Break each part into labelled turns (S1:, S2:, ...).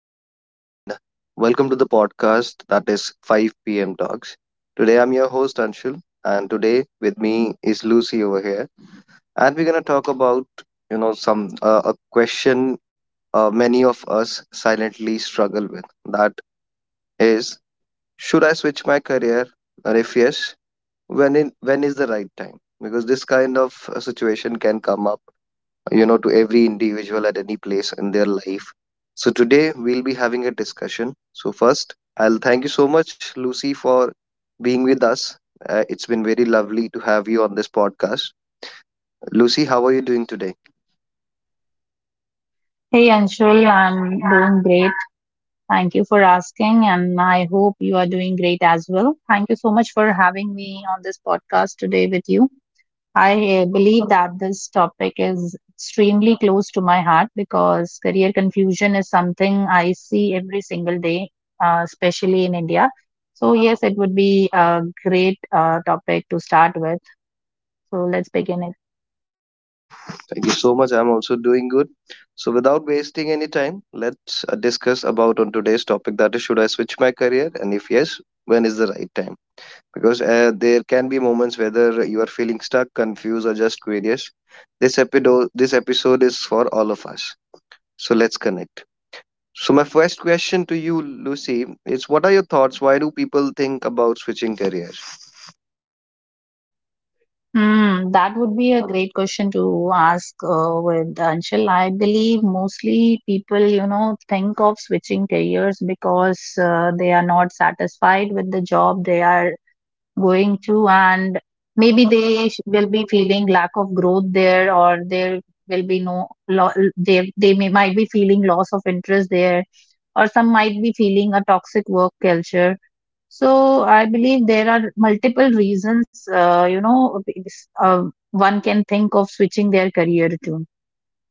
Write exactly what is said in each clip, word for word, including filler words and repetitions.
S1: morning, and welcome to the podcast that is five p m. Talks. Today, I'm your host Anshul, and today with me is Lucy over here, and we're gonna talk about you know some uh, a question uh, many of us silently struggle with. That is, should I switch my career, and if yes, when in, when is the right time? Because this kind of uh, situation can come up, you know, to every individual at any place in their life. So today we'll be having a discussion. So first, I'll thank you so much, Lucy, for being with us. Uh, it's been very lovely to have you on this podcast. Lucy, how are you doing today?
S2: Hey Anshul, I'm doing great. Thank you for asking, and I hope you are doing great as well. Thank you so much for having me on this podcast today with you. I uh, believe that this topic is extremely close to my heart because career confusion is something I see every single day, uh, especially in India. So, yes, it would be a great uh, topic to start with. So, let's begin it.
S1: Thank you so much. I'm also doing good. So without wasting any time, let's uh, discuss about on today's topic, that is should I switch my career and if yes, when is the right time? Because uh, there can be moments whether you are feeling stuck, confused, or just curious. This episode this episode is for all of us. So let's connect. So my first question to you, Lucy, is what are your thoughts, why do people think about switching careers?
S2: Hmm, that would be a great question to ask uh, with Anshul. I believe mostly people, you know, think of switching careers because uh, they are not satisfied with the job they are going to, and maybe they sh- will be feeling lack of growth there, or there will be no, lo- they they may might be feeling loss of interest there, or some might be feeling a toxic work culture. So I believe there are multiple reasons, uh, you know, because, uh, one can think of switching their career to.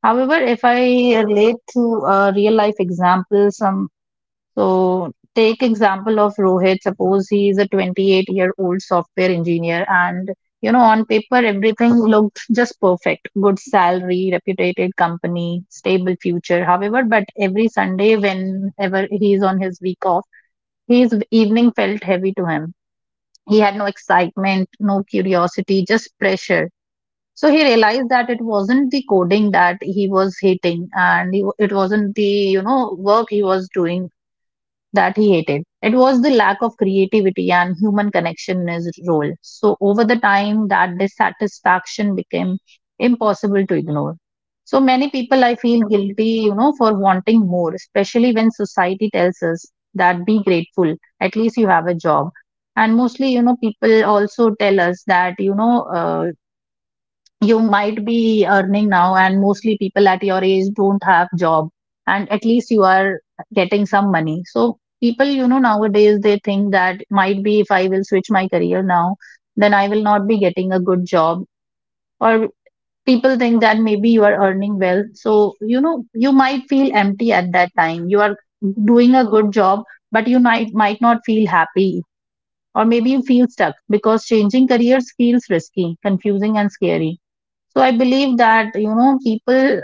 S2: However, if I relate to a real life example, some so take example of Rohit. Suppose he is a twenty-eight year old software engineer, and you know, on paper everything looked just perfect: good salary, reputed company, stable future. However, but every Sunday, whenever he is on his week off, his evening felt heavy to him. He had no excitement, no curiosity, just pressure. So he realized that it wasn't the coding that he was hating, and he, it wasn't the, you know, work he was doing that he hated. It was the lack of creativity and human connection in his role. So, over the time, that dissatisfaction became impossible to ignore. So, many people I feel guilty, you know, for wanting more, especially when society tells us that be grateful, at least you have a job. And mostly, you know, people also tell us that, you know, uh, you might be earning now, and mostly people at your age don't have job, and at least you are getting some money. So people, you know, nowadays they think that might be if I will switch my career now, then I will not be getting a good job. Or people think that maybe you are earning well, so you know, you might feel empty at that time. You are doing a good job, but you might might not feel happy. Or maybe you feel stuck because changing careers feels risky, confusing, and scary. So I believe that, you know, people,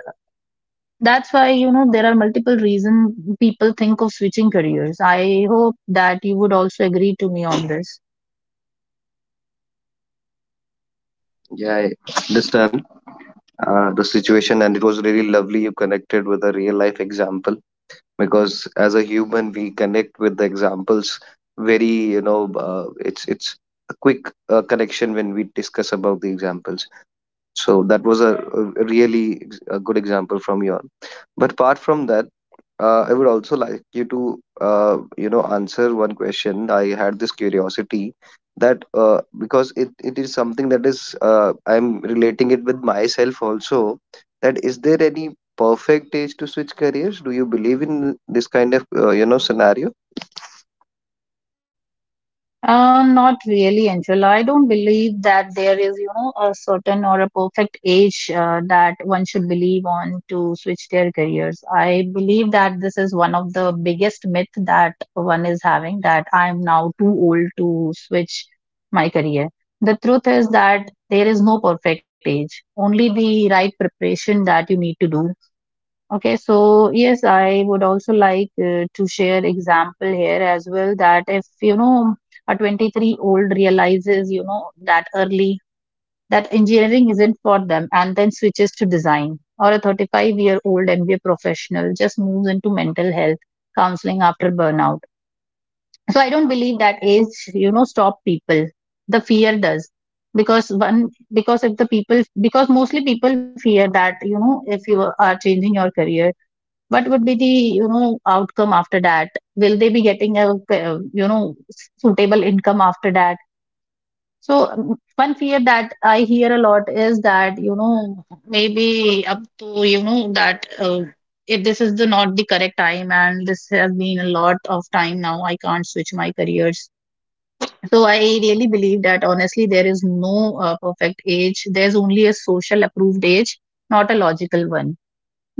S2: that's why, you know, there are multiple reasons people think of switching careers. I hope that you would also agree to me on this.
S1: Yeah, I understand uh, the situation, and it was really lovely you connected with a real life example, because as a human we connect with the examples very, you know, uh, it's it's a quick uh, connection when we discuss about the examples. So that was a, a really ex- a good example from you. On. But apart from that, uh, I would also like you to, uh, you know, answer one question. I had this curiosity that uh, because it, it is something that is uh, I'm relating it with myself also. That is, there any perfect age to switch careers? Do you believe in this kind of, uh, you know, scenario?
S2: Uh, not really, Angela. I don't believe that there is, you know, a certain or a perfect age uh, that one should believe on to switch their careers. I believe that this is one of the biggest myth that one is having that I'm now too old to switch my career. The truth is that there is no perfect age, only the right preparation that you need to do. Okay, so yes, I would also like uh, to share example here as well, that if you know a twenty-three old realizes you know that early that engineering isn't for them, and then switches to design, or a thirty-five year old M B A professional just moves into mental health counseling after burnout. So I don't believe that age, you know, stop people. The fear does, because one, because if the people, because mostly people fear that you know, if you are changing your career, what would be the, you know, outcome after that? Will they be getting a uh, you know, suitable income after that? So um, one fear that I hear a lot is that you know, maybe up to you know, that uh, if this is the not the correct time, and this has been a lot of time now, I can't switch my careers. So I really believe that honestly there is no uh, perfect age. There's only a social approved age, not a logical one.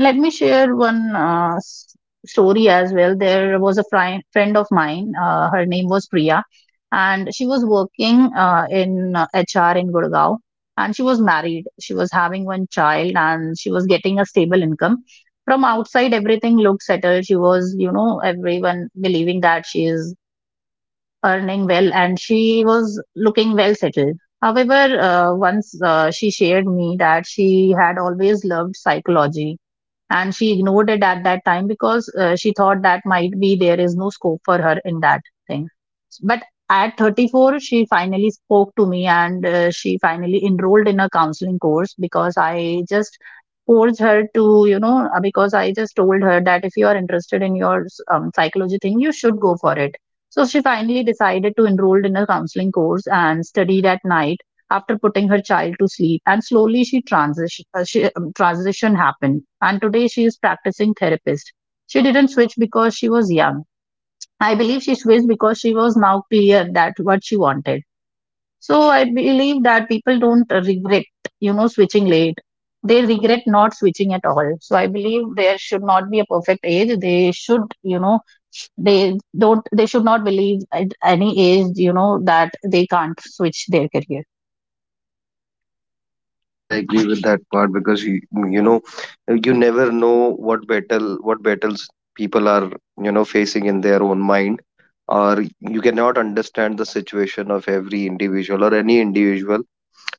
S2: Let me share one uh, s- story as well. There was a fri friend of mine. Uh, her name was Priya, and she was working uh, in uh, H R in Gurgaon. And she was married. She was having one child, and she was getting a stable income. From outside, everything looked settled. She was, you know, everyone believing that she is earning well, and she was looking well settled. However, uh, once uh, she shared me that she had always loved psychology, and she ignored it at that time because uh, she thought that might be there is no scope for her in that thing. But at thirty-four she finally spoke to me, and uh, she finally enrolled in a counseling course, because I just forced her to, you know, uh, because I just told her that if you are interested in your um, psychology thing, you should go for it. So she finally decided to enroll in a counseling course and studied at night after putting her child to sleep, and slowly she transition uh, she, um, transition happened, and today she is practicing therapist. She didn't switch because she was young. I believe she switched because she was now clear that what she wanted. So I believe that people don't regret, you know, switching late. They regret not switching at all. So I believe there should not be a perfect age. They should, you know, they don't they should not believe at any age, you know, that they can't switch their career.
S1: Yes, I agree with that part because you, you know, you never know what battle what battles people are, you know, facing in their own mind, or you cannot understand the situation of every individual or any individual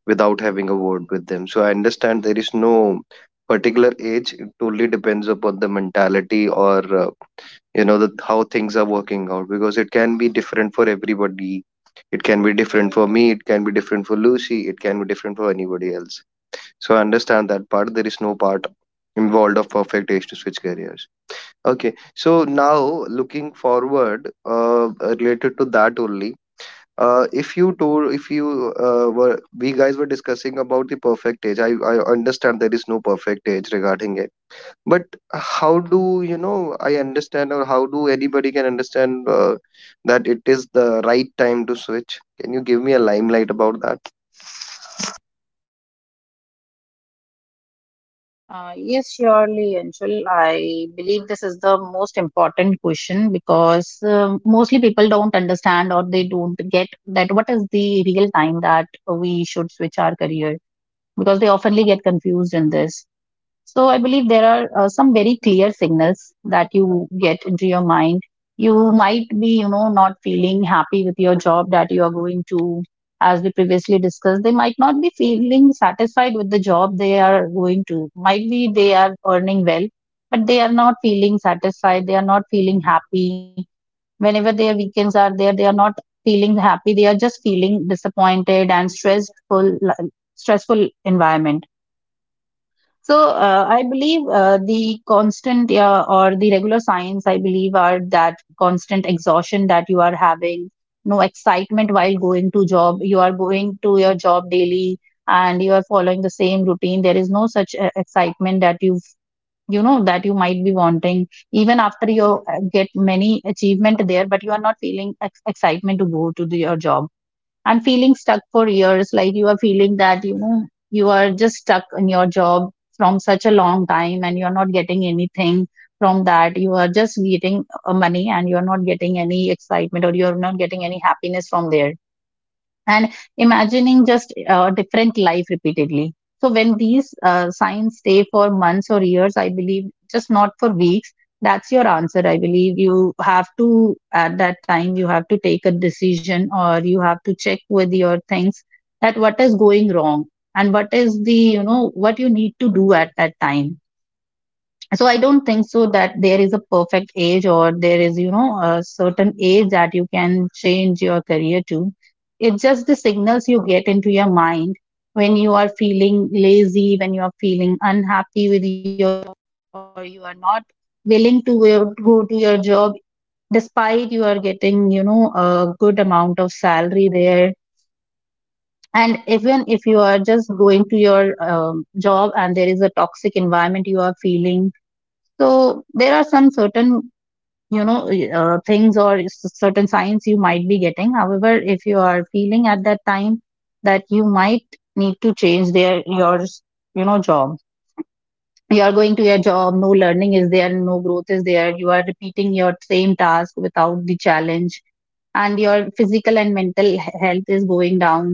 S1: without having a word with them. So I understand there is no particular age. It totally depends upon the mentality or, uh, you know, the, how things are working out because it can be different for everybody. It can be different for me. It can be different for Lucy. It can be different for anybody else. So I understand that part. There is no part involved of perfect age to switch careers. Okay. So now looking forward, uh, related to that only. Uh, if you told, if you uh, were, we guys were discussing about the perfect age. I, I understand there is no perfect age regarding it. But how do you know? I understand, or how do anybody can understand uh, that it is the right time to switch? Can you give me a limelight about that?
S2: Uh, yes, surely, Anshul. I believe this is the most important question because uh, mostly people don't understand, or they don't get that what is the real time that we should switch our career, because they oftenly get confused in this. So I believe there are uh, some very clear signals that you get into your mind. You might be, you know, not feeling happy with your job that you are going to, as we previously discussed. They might not be feeling satisfied with the job they are going to. Might be they are earning well, but they are not feeling satisfied. They are not feeling happy. Whenever their weekends are there, they are not feeling happy. They are just feeling disappointed and stressful, like, stressful environment. So uh, I believe uh, the constant uh, or the regular signs I believe are that constant exhaustion that you are having, no excitement while going to job. You are going to your job daily, and you are following the same routine. There is no such uh, excitement that you've, you know, that you might be wanting, even after you uh, get many achievement there, but you are not feeling ex- excitement to go to the, your job. And feeling stuck for years, like you are feeling that you know, you are just stuck in your job from such a long time, and you're not getting anything from that. You are just getting uh, money, and you're not getting any excitement, or you're not getting any happiness from there. And imagining just a different life repeatedly. So when these uh, signs stay for months or years, I believe, just not for weeks, that's your answer. I believe you have to, at that time you have to take a decision, or you have to check with your things that what is going wrong, and what is the, you know, what you need to do at that time. So I don't think so that there is a perfect age, or there is, you know, a certain age that you can change your career to. It's just the signals you get into your mind, when you are feeling lazy, when you are feeling unhappy with your, or you are not willing to go go to your job, despite you are getting, you know, a good amount of salary there. And even if you are just going to your um, job, and there is a toxic environment you are feeling. So there are some certain, you know, uh, things or s- certain signs you might be getting. However, if you are feeling at that time that you might need to change their your, you know, job. You are going to your job, no learning is there, no growth is there, you are repeating your same task without the challenge, and your physical and mental he- health is going down.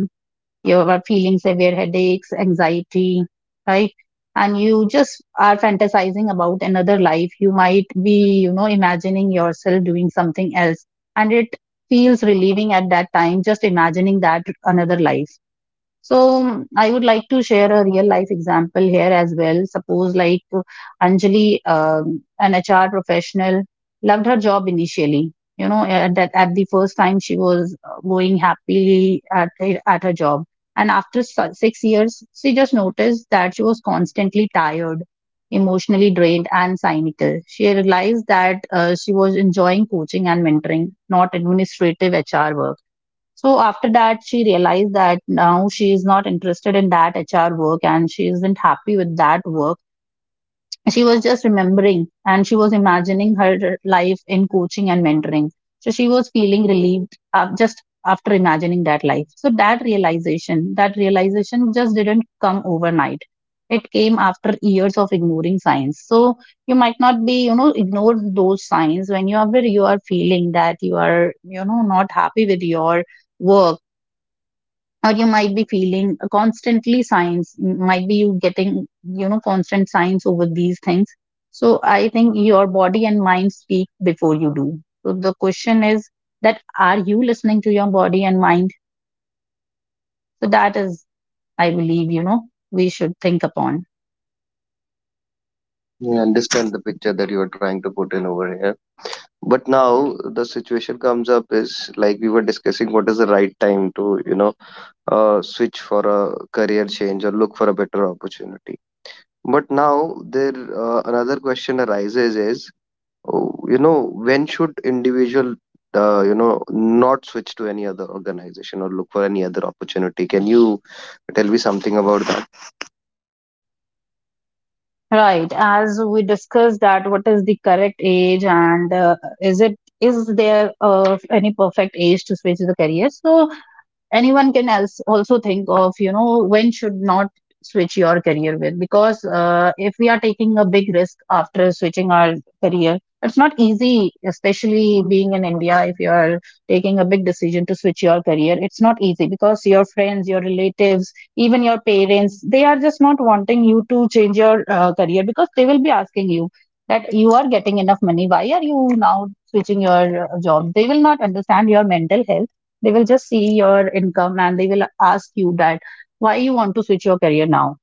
S2: You are feeling severe headaches, anxiety, right? And you just are fantasizing about another life. You might be, you know, imagining yourself doing something else. And it feels relieving at that time, just imagining that another life. So mm, I would like to share a real life example here as well. Suppose like Anjali, um, an H R professional, loved her job initially. You know, at that at the first time she was uh, going happily at her- at her job, and after s- six years, she just noticed that she was constantly tired, emotionally drained, and cynical. She realized that uh, she was enjoying coaching and mentoring, not administrative H R work. So after that, she realized that now she is not interested in that H R work and she isn't happy with that work. She was just remembering and she was imagining her life in coaching and mentoring. So she was feeling relieved uh, just after imagining that life. So that realization, that realization just didn't come overnight. It came after years of ignoring signs. So you might not be, you know, ignore those signs when you are where you are feeling that you are, you know, not happy with your work, or you might be feeling constantly signs, might be you getting, you know, constant signs over these things. So I think your body and mind speak before you do. So the question is that are you listening to your body and mind? So that is, I believe, you know, we should think upon.
S1: I understand the picture that you are trying to put in over here. But now the situation comes up is, like we were discussing, what is the right time to, you know, uh, switch for a career change or look for a better opportunity. But now there, uh, another question arises is, oh, you know, when should individual, uh, you know, not switch to any other organization or look for any other opportunity? Can you tell me something about that?
S2: Right, as we discussed, that what is the correct age, and uh, is it is there uh, any perfect age to switch the career? So anyone can else also think of, you know, when should not switch your career with, because uh, if we are taking a big risk after switching our career, it's not easy, especially being in india. If you are taking a big decision to switch your career, it's not easy, because your friends, your relatives, even your parents, they are just not wanting you to change your uh, career, because they will be asking you that you are getting enough money, why are you now switching your uh, job. They will not understand your mental health, they will just see your income, and they will ask you that why you want to switch your career now.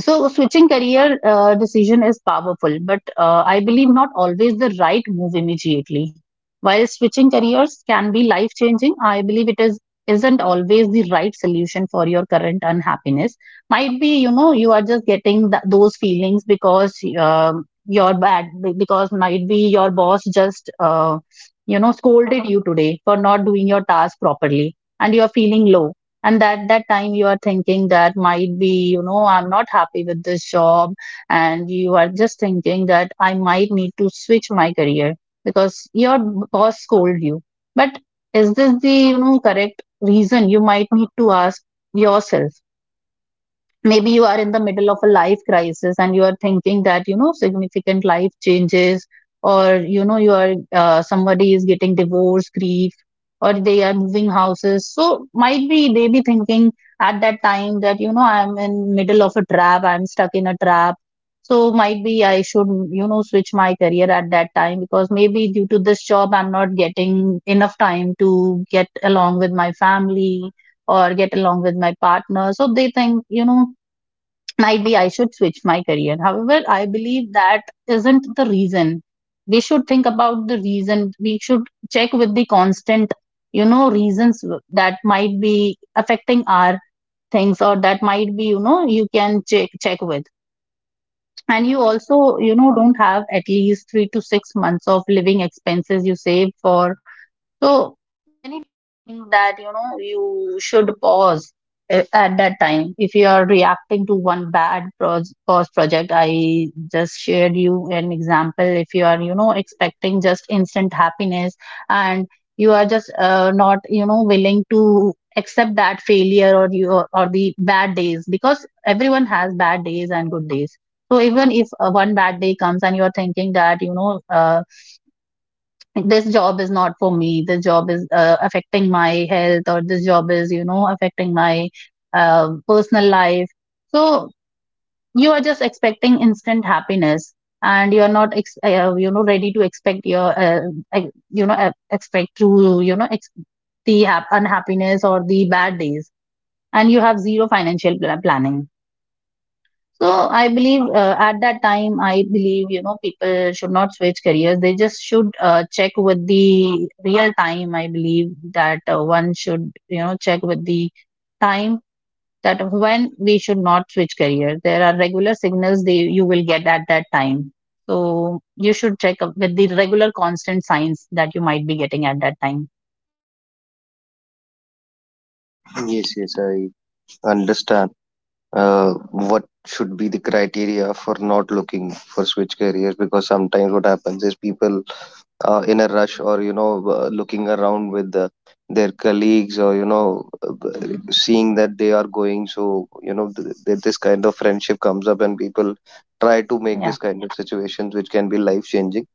S2: So switching career uh, decision is powerful, but uh, I believe not always the right move immediately. While switching careers can be life changing, I believe it is isn't always the right solution for your current unhappiness. Might be, you know, you are just getting th- those feelings because um you're bad, because might be your boss just uh, you know scolded you today for not doing your task properly, and you're feeling low, and at that time you are thinking that might be, you know, I'm not happy with this job, and you are just thinking that I might need to switch my career because your boss scold you. But is this the, you know, correct reason? You might need to ask yourself. Maybe you are in the middle of a life crisis and you are thinking that, you know, significant life changes, or you know you are uh, somebody is getting divorce, grief, or they are moving houses, so might be they be thinking at that time that, you know, I'm in middle of a trap, I'm stuck in a trap. So might be I should, you know, switch my career at that time, because maybe due to this job I'm not getting enough time to get along with my family or get along with my partner. So they think, you know, might be I should switch my career. However, I believe that isn't the reason. We should think about the reason. We should check with the constant, you know, reasons that might be affecting our things, or that might be, you know, you can check check with. And you also, you know, don't have at least three to six months of living expenses you save for. So anything that, you know, you should pause a- at that time. If you are reacting to one bad pros- pause project, I just shared you an example. If you are, you know, expecting just instant happiness, and you are just uh, not, you know, willing to accept that failure, or you, or the bad days, because everyone has bad days and good days. So even if uh, one bad day comes and you are thinking that, you know, uh, like, this job is not for me, this job is uh, affecting my health, or this job is, you know, affecting my uh, personal life, so you are just expecting instant happiness, and you are not ex- uh, you know ready to expect your uh, uh, you know uh, expect to, you know, ex- the hap- unhappiness or the bad days, and you have zero financial pla- planning. So I believe uh, at that time, I believe, you know, people should not switch careers. They just should uh, check with the real time. I believe that uh, one should, you know, check with the time that when we should not switch careers. There are regular signals they you will get at that time. So you should check up with the regular constant signs that you might be getting at that time.
S1: Yes yes i understand uh, what should be the criteria for not looking for switch careers, because sometimes what happens is people, uh, in a rush or, you know, uh, looking around with, uh, their colleagues, or, you know, uh, b- seeing that they are going, so you know, th- th- this kind of friendship comes up and people try to make this kind
S2: Yeah,
S1: of situations which can be life changing.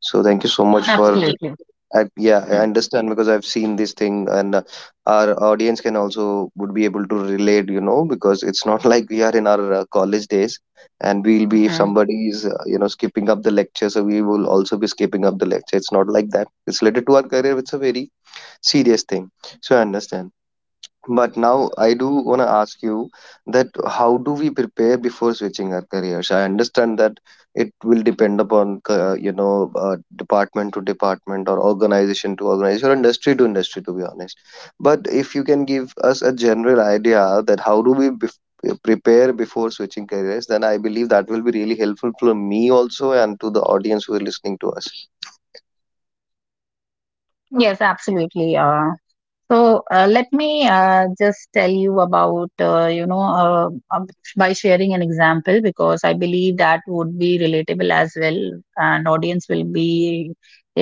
S1: So thank you so much for,
S2: absolutely.
S1: I, yeah, I
S2: Mm,
S1: understand because I've seen this thing, and, uh, our audience can also would be able to relate, you know, because it's not like we are in our uh, college days, and we'll be if somebody
S2: mm.
S1: is, uh, you know, skipping up the lecture, so we will also be skipping up the lecture. It's not like that. It's related to our career. It's a very serious thing. So I understand. But now I do want to ask you that how do we prepare before switching our careers? I understand that it will depend upon, ca- you know, uh, department to department or organization to organization or industry to industry, to be honest. But if you can give us a general idea that how do we, bef- uh, prepare before switching careers, then I believe that will be really helpful for me also and to the audience who are listening to us.
S2: Yes, absolutely. Uh, So uh, let me uh, just tell you about, uh, you know, uh, um, by sharing an example, because I believe that would be relatable as well, and audience will be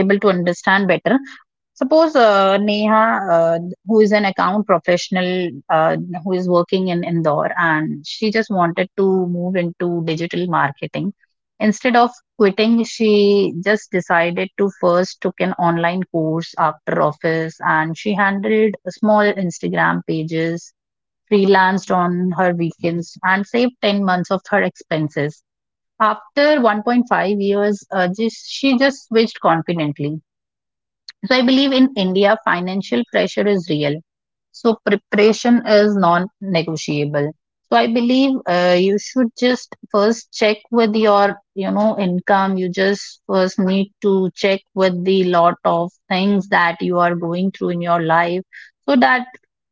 S2: able to understand better. Suppose uh, Neha, uh, who is an account professional, uh, who is working in Indore, and she just wanted to move into digital marketing. Instead of quitting, she just decided to first took an online course after office, and she handled small Instagram pages, freelanced on her weekends, and saved ten months of her expenses. After one point five years, uh, just, she just switched confidently. So I believe in India, financial pressure is real. So preparation is non-negotiable. So I believe uh, you should just first check with your, you know, income. You just first need to check with the lot of things that you are going through in your life, so that,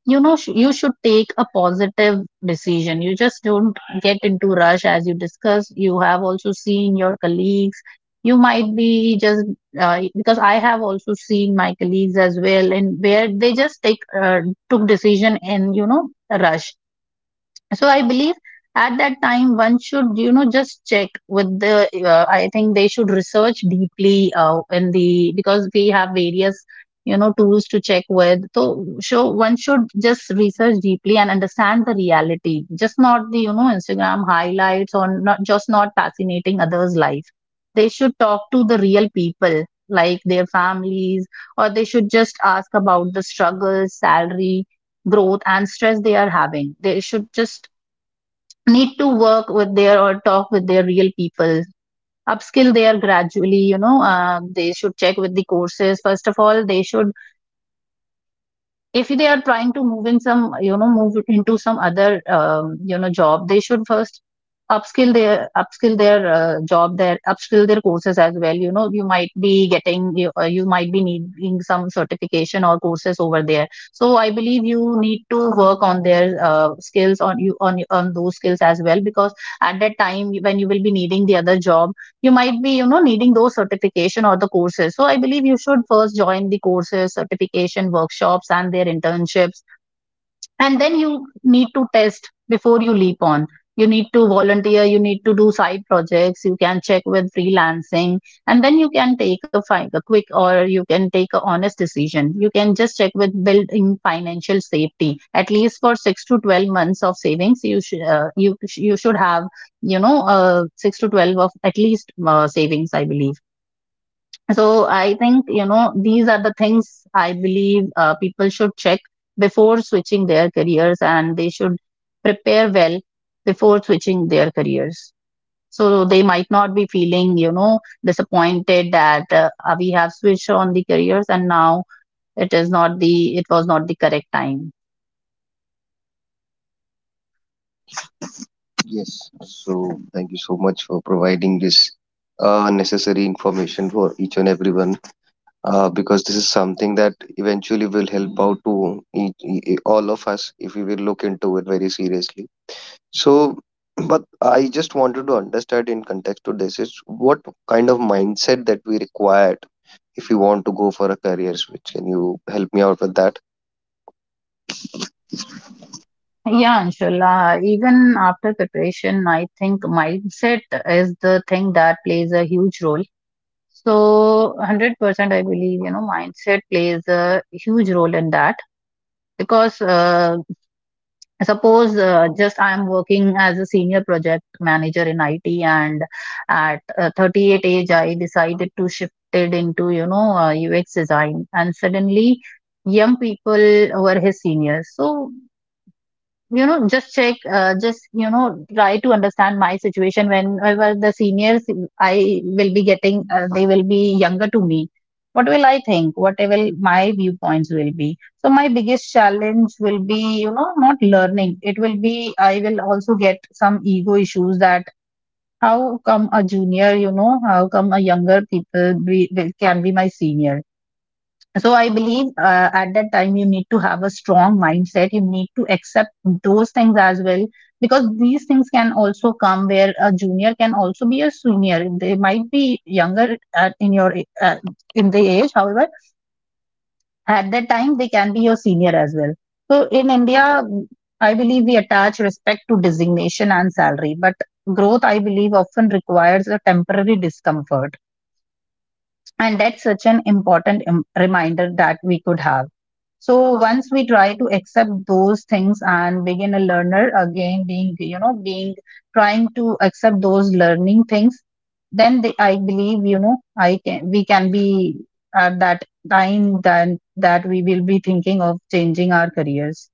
S2: you know, sh- you should take a positive decision. You just don't get into rush as you discuss. You have also seen your colleagues, you might be just uh, because I have also seen my colleagues as well, and where they just take uh, took decision in, you know, a rush. So I believe at that time one should, you know, just check with the uh, I think they should research deeply uh, in the, because we have various, you know, tools to check with. So so one should just research deeply and understand the reality, just not the, you know, instagram highlights, or not just not fascinating others life. They should talk to the real people, like their families, or they should just ask about the struggles, salary, growth and stress they are having. They should just need to work with their or talk with their real people, upskill there gradually, you know, uh, they should check with the courses. First of all, they should, if they are trying to move in some, you know, move into some other um, you know job, they should first upskill their upskill their uh, job their upskill their courses as well. You know, you might be getting you, uh, you might be needing some certification or courses over there. So I believe you need to work on their uh, skills, on you on on those skills as well, because at that time when you will be needing the other job, you might be, you know, needing those certification or the courses. So I believe you should first join the courses, certification, workshops and their internships, and then you need to test before you leap on. You need to volunteer, you need to do side projects, you can check with freelancing, and then you can take a, fi- a quick, or you can take a honest decision. You can just check with building financial safety. At least for six to twelve months of savings you should uh, you sh- you should have, you know, uh, six to twelve of at least uh, savings, I believe. So I think, you know, these are the things I believe uh, people should check before switching their careers, and they should prepare well before switching their careers, so they might not be feeling, you know, disappointed that uh, uh, we have switched on the careers and now it is not the it was not the correct time.
S1: Yes, so thank you so much for providing this uh, necessary information for each and everyone, uh, because this is something that eventually will help out to each, e- all of us if we will look into it very seriously. So, but I just wanted to understand, in context to this, is what kind of mindset that we required if we want to go for a career switch. Can you help me out with that?
S2: Yeah, inshallah. Even after preparation, I think mindset is the thing that plays a huge role. So, one hundred percent I believe, you know, mindset plays a huge role in that, because uh, suppose uh, just I am working as a senior project manager in I T, and at uh, thirty-eight age, I decided to shift it into, you know, uh, U X design, and suddenly young people were his seniors. So, you know, just check uh, just, you know, try to understand my situation. Whenever the seniors I will be getting uh, they will be younger to me, what will I think, what will my viewpoints will be? So my biggest challenge will be, you know, not learning, it will be I will also get some ego issues that how come a junior, you know, how come a younger people be, will- can be my senior? So I believe uh, at that time you need to have a strong mindset. You need to accept those things as well, because these things can also come where a junior can also be a senior. They might be younger at, in your uh, in the age. However, at that time they can be your senior as well. So in India, I believe we attach respect to designation and salary, but growth, I believe, often requires a temporary discomfort, and that's such an important um, reminder that we could have. So once we try to accept those things and begin a learner again, being, you know, being trying to accept those learning things, then they, I believe, you know, I can we can be at that time then, that we will be thinking of changing our careers.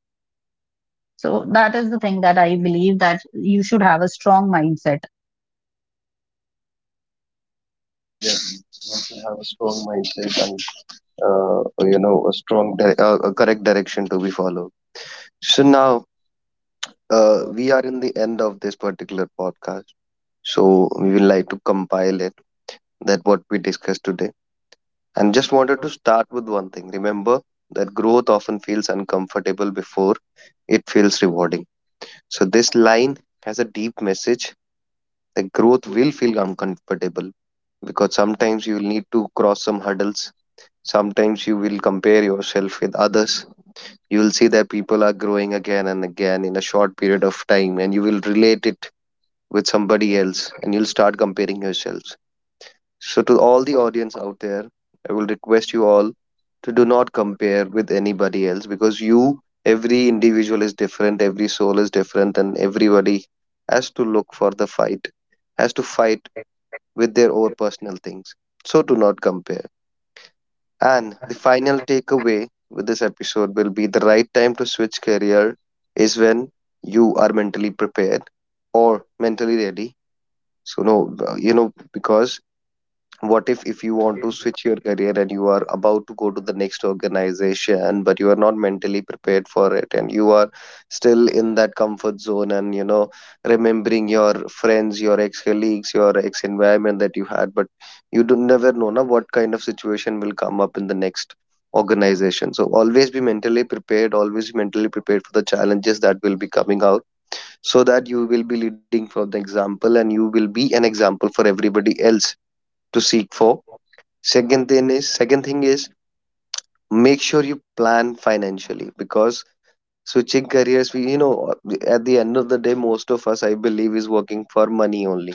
S2: So that is the thing that I believe, that you should have a strong mindset.
S1: Yeah, you have to have a strong mindset, uh, you know, a strong di- uh, a correct direction to be followed. So now, uh, we are in the end of this particular podcast, so we will like to compile it, that what we discussed today. And just wanted to start with one thing: remember that growth often feels uncomfortable before it feels rewarding. So this line has a deep message, that growth will feel uncomfortable because sometimes you will need to cross some hurdles, sometimes you will compare yourself with others, you will see that people are growing again and again in a short period of time, and you will relate it with somebody else and you'll start comparing yourselves. So to all the audience out there, I will request you all to do not compare with anybody else, because you, every individual is different, every soul is different, and everybody has to look for the fight, has to fight with their own personal things. So do not compare. And the final takeaway with this episode will be the right time to switch career is when you are mentally prepared or mentally ready. So no, uh, you know, because what if if you want to switch your career and you are about to go to the next organization but you are not mentally prepared for it, and you are still in that comfort zone and, you know, remembering your friends, your ex colleagues, your ex environment that you had, but you do never know na, what kind of situation will come up in the next organization. So always be mentally prepared, always be mentally prepared for the challenges that will be coming out, so that you will be leading from the example and you will be an example for everybody else to seek for. Second thing is second thing is make sure you plan financially, because switching careers, we, you know, uh, at the end of the day, most of us, I believe, is working for money only.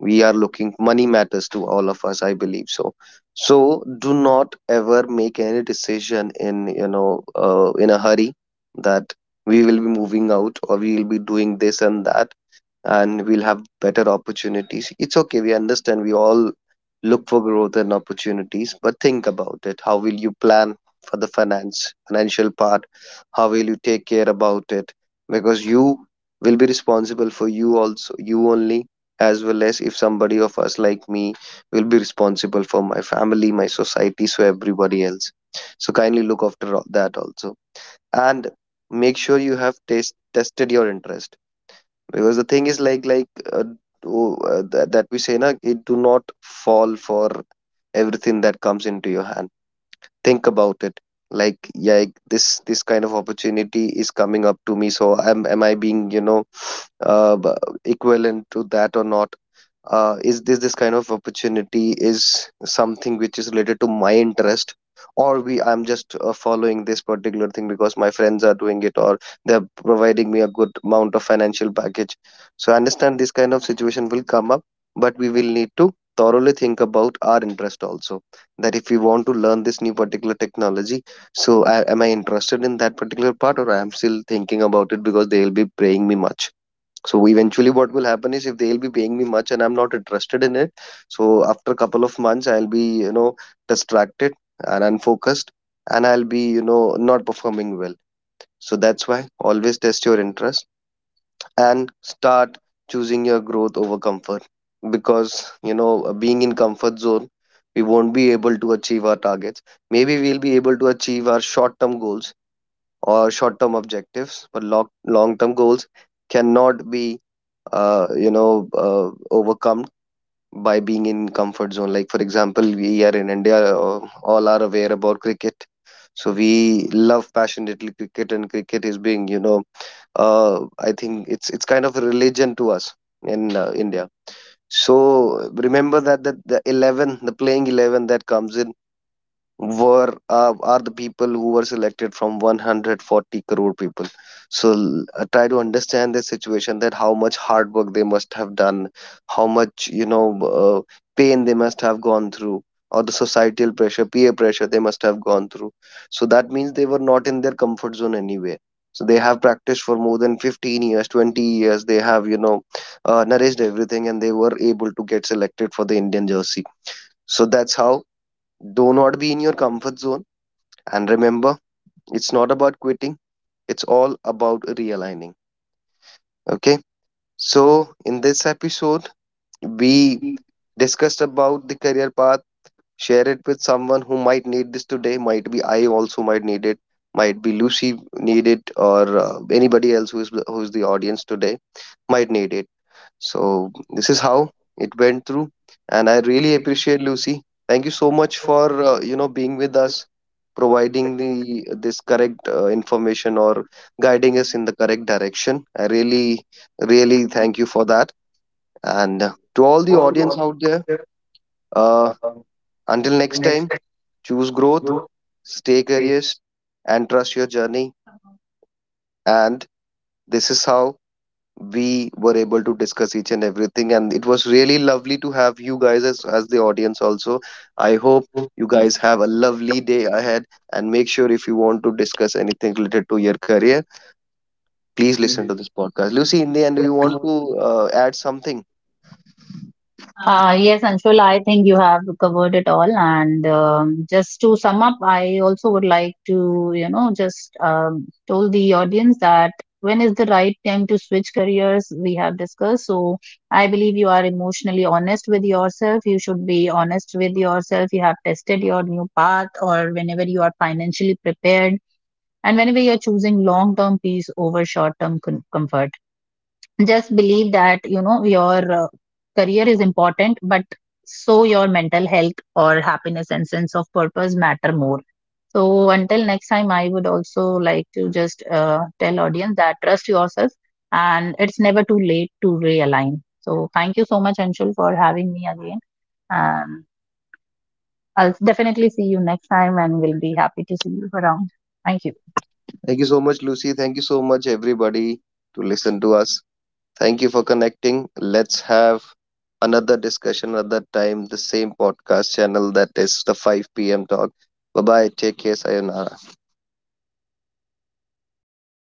S1: We are looking, money matters to all of us, I believe so. So do not ever make any decision in, you know, uh, in a hurry, that we will be moving out or we will be doing this and that, and we'll have better opportunities. It's okay. We understand, we all look for growth and opportunities, but think about it. How will you plan for the finance, financial part? How will you take care about it? Because you will be responsible for you also, you only, as well as if somebody of us like me will be responsible for my family, my society, so everybody else. So kindly look after all that also. And make sure you have taste, tested your interest, because the thing is, like like uh, oh uh, that, that we say na, it, do not fall for everything that comes into your hand. Think about it, like yeah, like, this this kind of opportunity is coming up to me, so am am I being, you know, uh, b- equivalent to that or not? Uh, is this this kind of opportunity is something which is related to my interest, or we I'm just, uh, following this particular thing because my friends are doing it, or they're providing me a good amount of financial package? So I understand this kind of situation will come up, but we will need to thoroughly think about our interest also, that if we want to learn this new particular technology, so I, am I interested in that particular part, or I am still thinking about it because they'll be paying me much? So eventually what will happen is, if they'll be paying me much and I'm not interested in it, so after a couple of months I'll be, you know, distracted and unfocused, and I'll be, you know, not performing well. So that's why always test your interest and start choosing your growth over comfort, because, you know, being in comfort zone, we won't be able to achieve our targets. Maybe we'll be able to achieve our short-term goals or short-term objectives, but long long-term goals cannot be uh, you know uh, overcome by being in comfort zone. Like for example, we are in India, uh, all are aware about cricket, so we love passionately cricket, and cricket is being, you know, uh, I think it's, it's kind of a religion to us in, uh, India. So remember that, that the eleven, the playing eleven that comes in, were, uh, are the people who were selected from one hundred forty crore people. So, l- uh, try to understand the situation, that how much hard work they must have done, how much, you know, uh, pain they must have gone through, or the societal pressure, peer pressure they must have gone through. So that means they were not in their comfort zone anyway. So they have practiced for more than fifteen years, twenty years, they have, you know, uh, nourished everything, and they were able to get selected for the Indian jersey. So that's how, do not be in your comfort zone. And remember, it's not about quitting, it's all about realigning. Okay. So, in this episode, we discussed about the career path. Share it with someone who might need this today. Might be I also might need it. Might be Lucy need it, or, uh, anybody else who is, who is the audience today, might need it. So this is how it went through, and I really appreciate Lucy. Thank you so much for, uh, you know, being with us, providing the this correct, uh, information, or guiding us in the correct direction. I really, really thank you for that. And, uh, to all the audience out there, uh, until next time, choose growth, stay curious, and trust your journey. And this is how we were able to discuss each and everything, and it was really lovely to have you guys as, as the audience also. I hope you guys have a lovely day ahead, and make sure if you want to discuss anything related to your career, please listen to this podcast. Lucy, in the end, do you want to uh, add something?
S2: Uh, yes, Anshul, I think you have covered it all. And um, just to sum up, I also would like to, you know, just um, told the audience that when is the right time to switch careers, we have discussed. So I believe you are emotionally honest with yourself. You should be honest with yourself. You have tested your new path, or whenever you are financially prepared, and whenever you are choosing long term peace over short term com- comfort, just believe that, you know, your uh, career is important, but so your mental health or happiness and sense of purpose matter more. So until next time, I would also like to just uh, tell audience that trust yourself, and it's never too late to realign. So thank you so much, Anshul, for having me again, and I'll definitely see you next time, and we'll be happy to see you around. Thank you.
S1: Thank you so much, Lucy. Thank you so much, everybody, to listen to us. Thank you for connecting. Let's have another discussion another time, the same podcast channel, that is the five p m p.m. talk. Bye bye, take care, sayonara.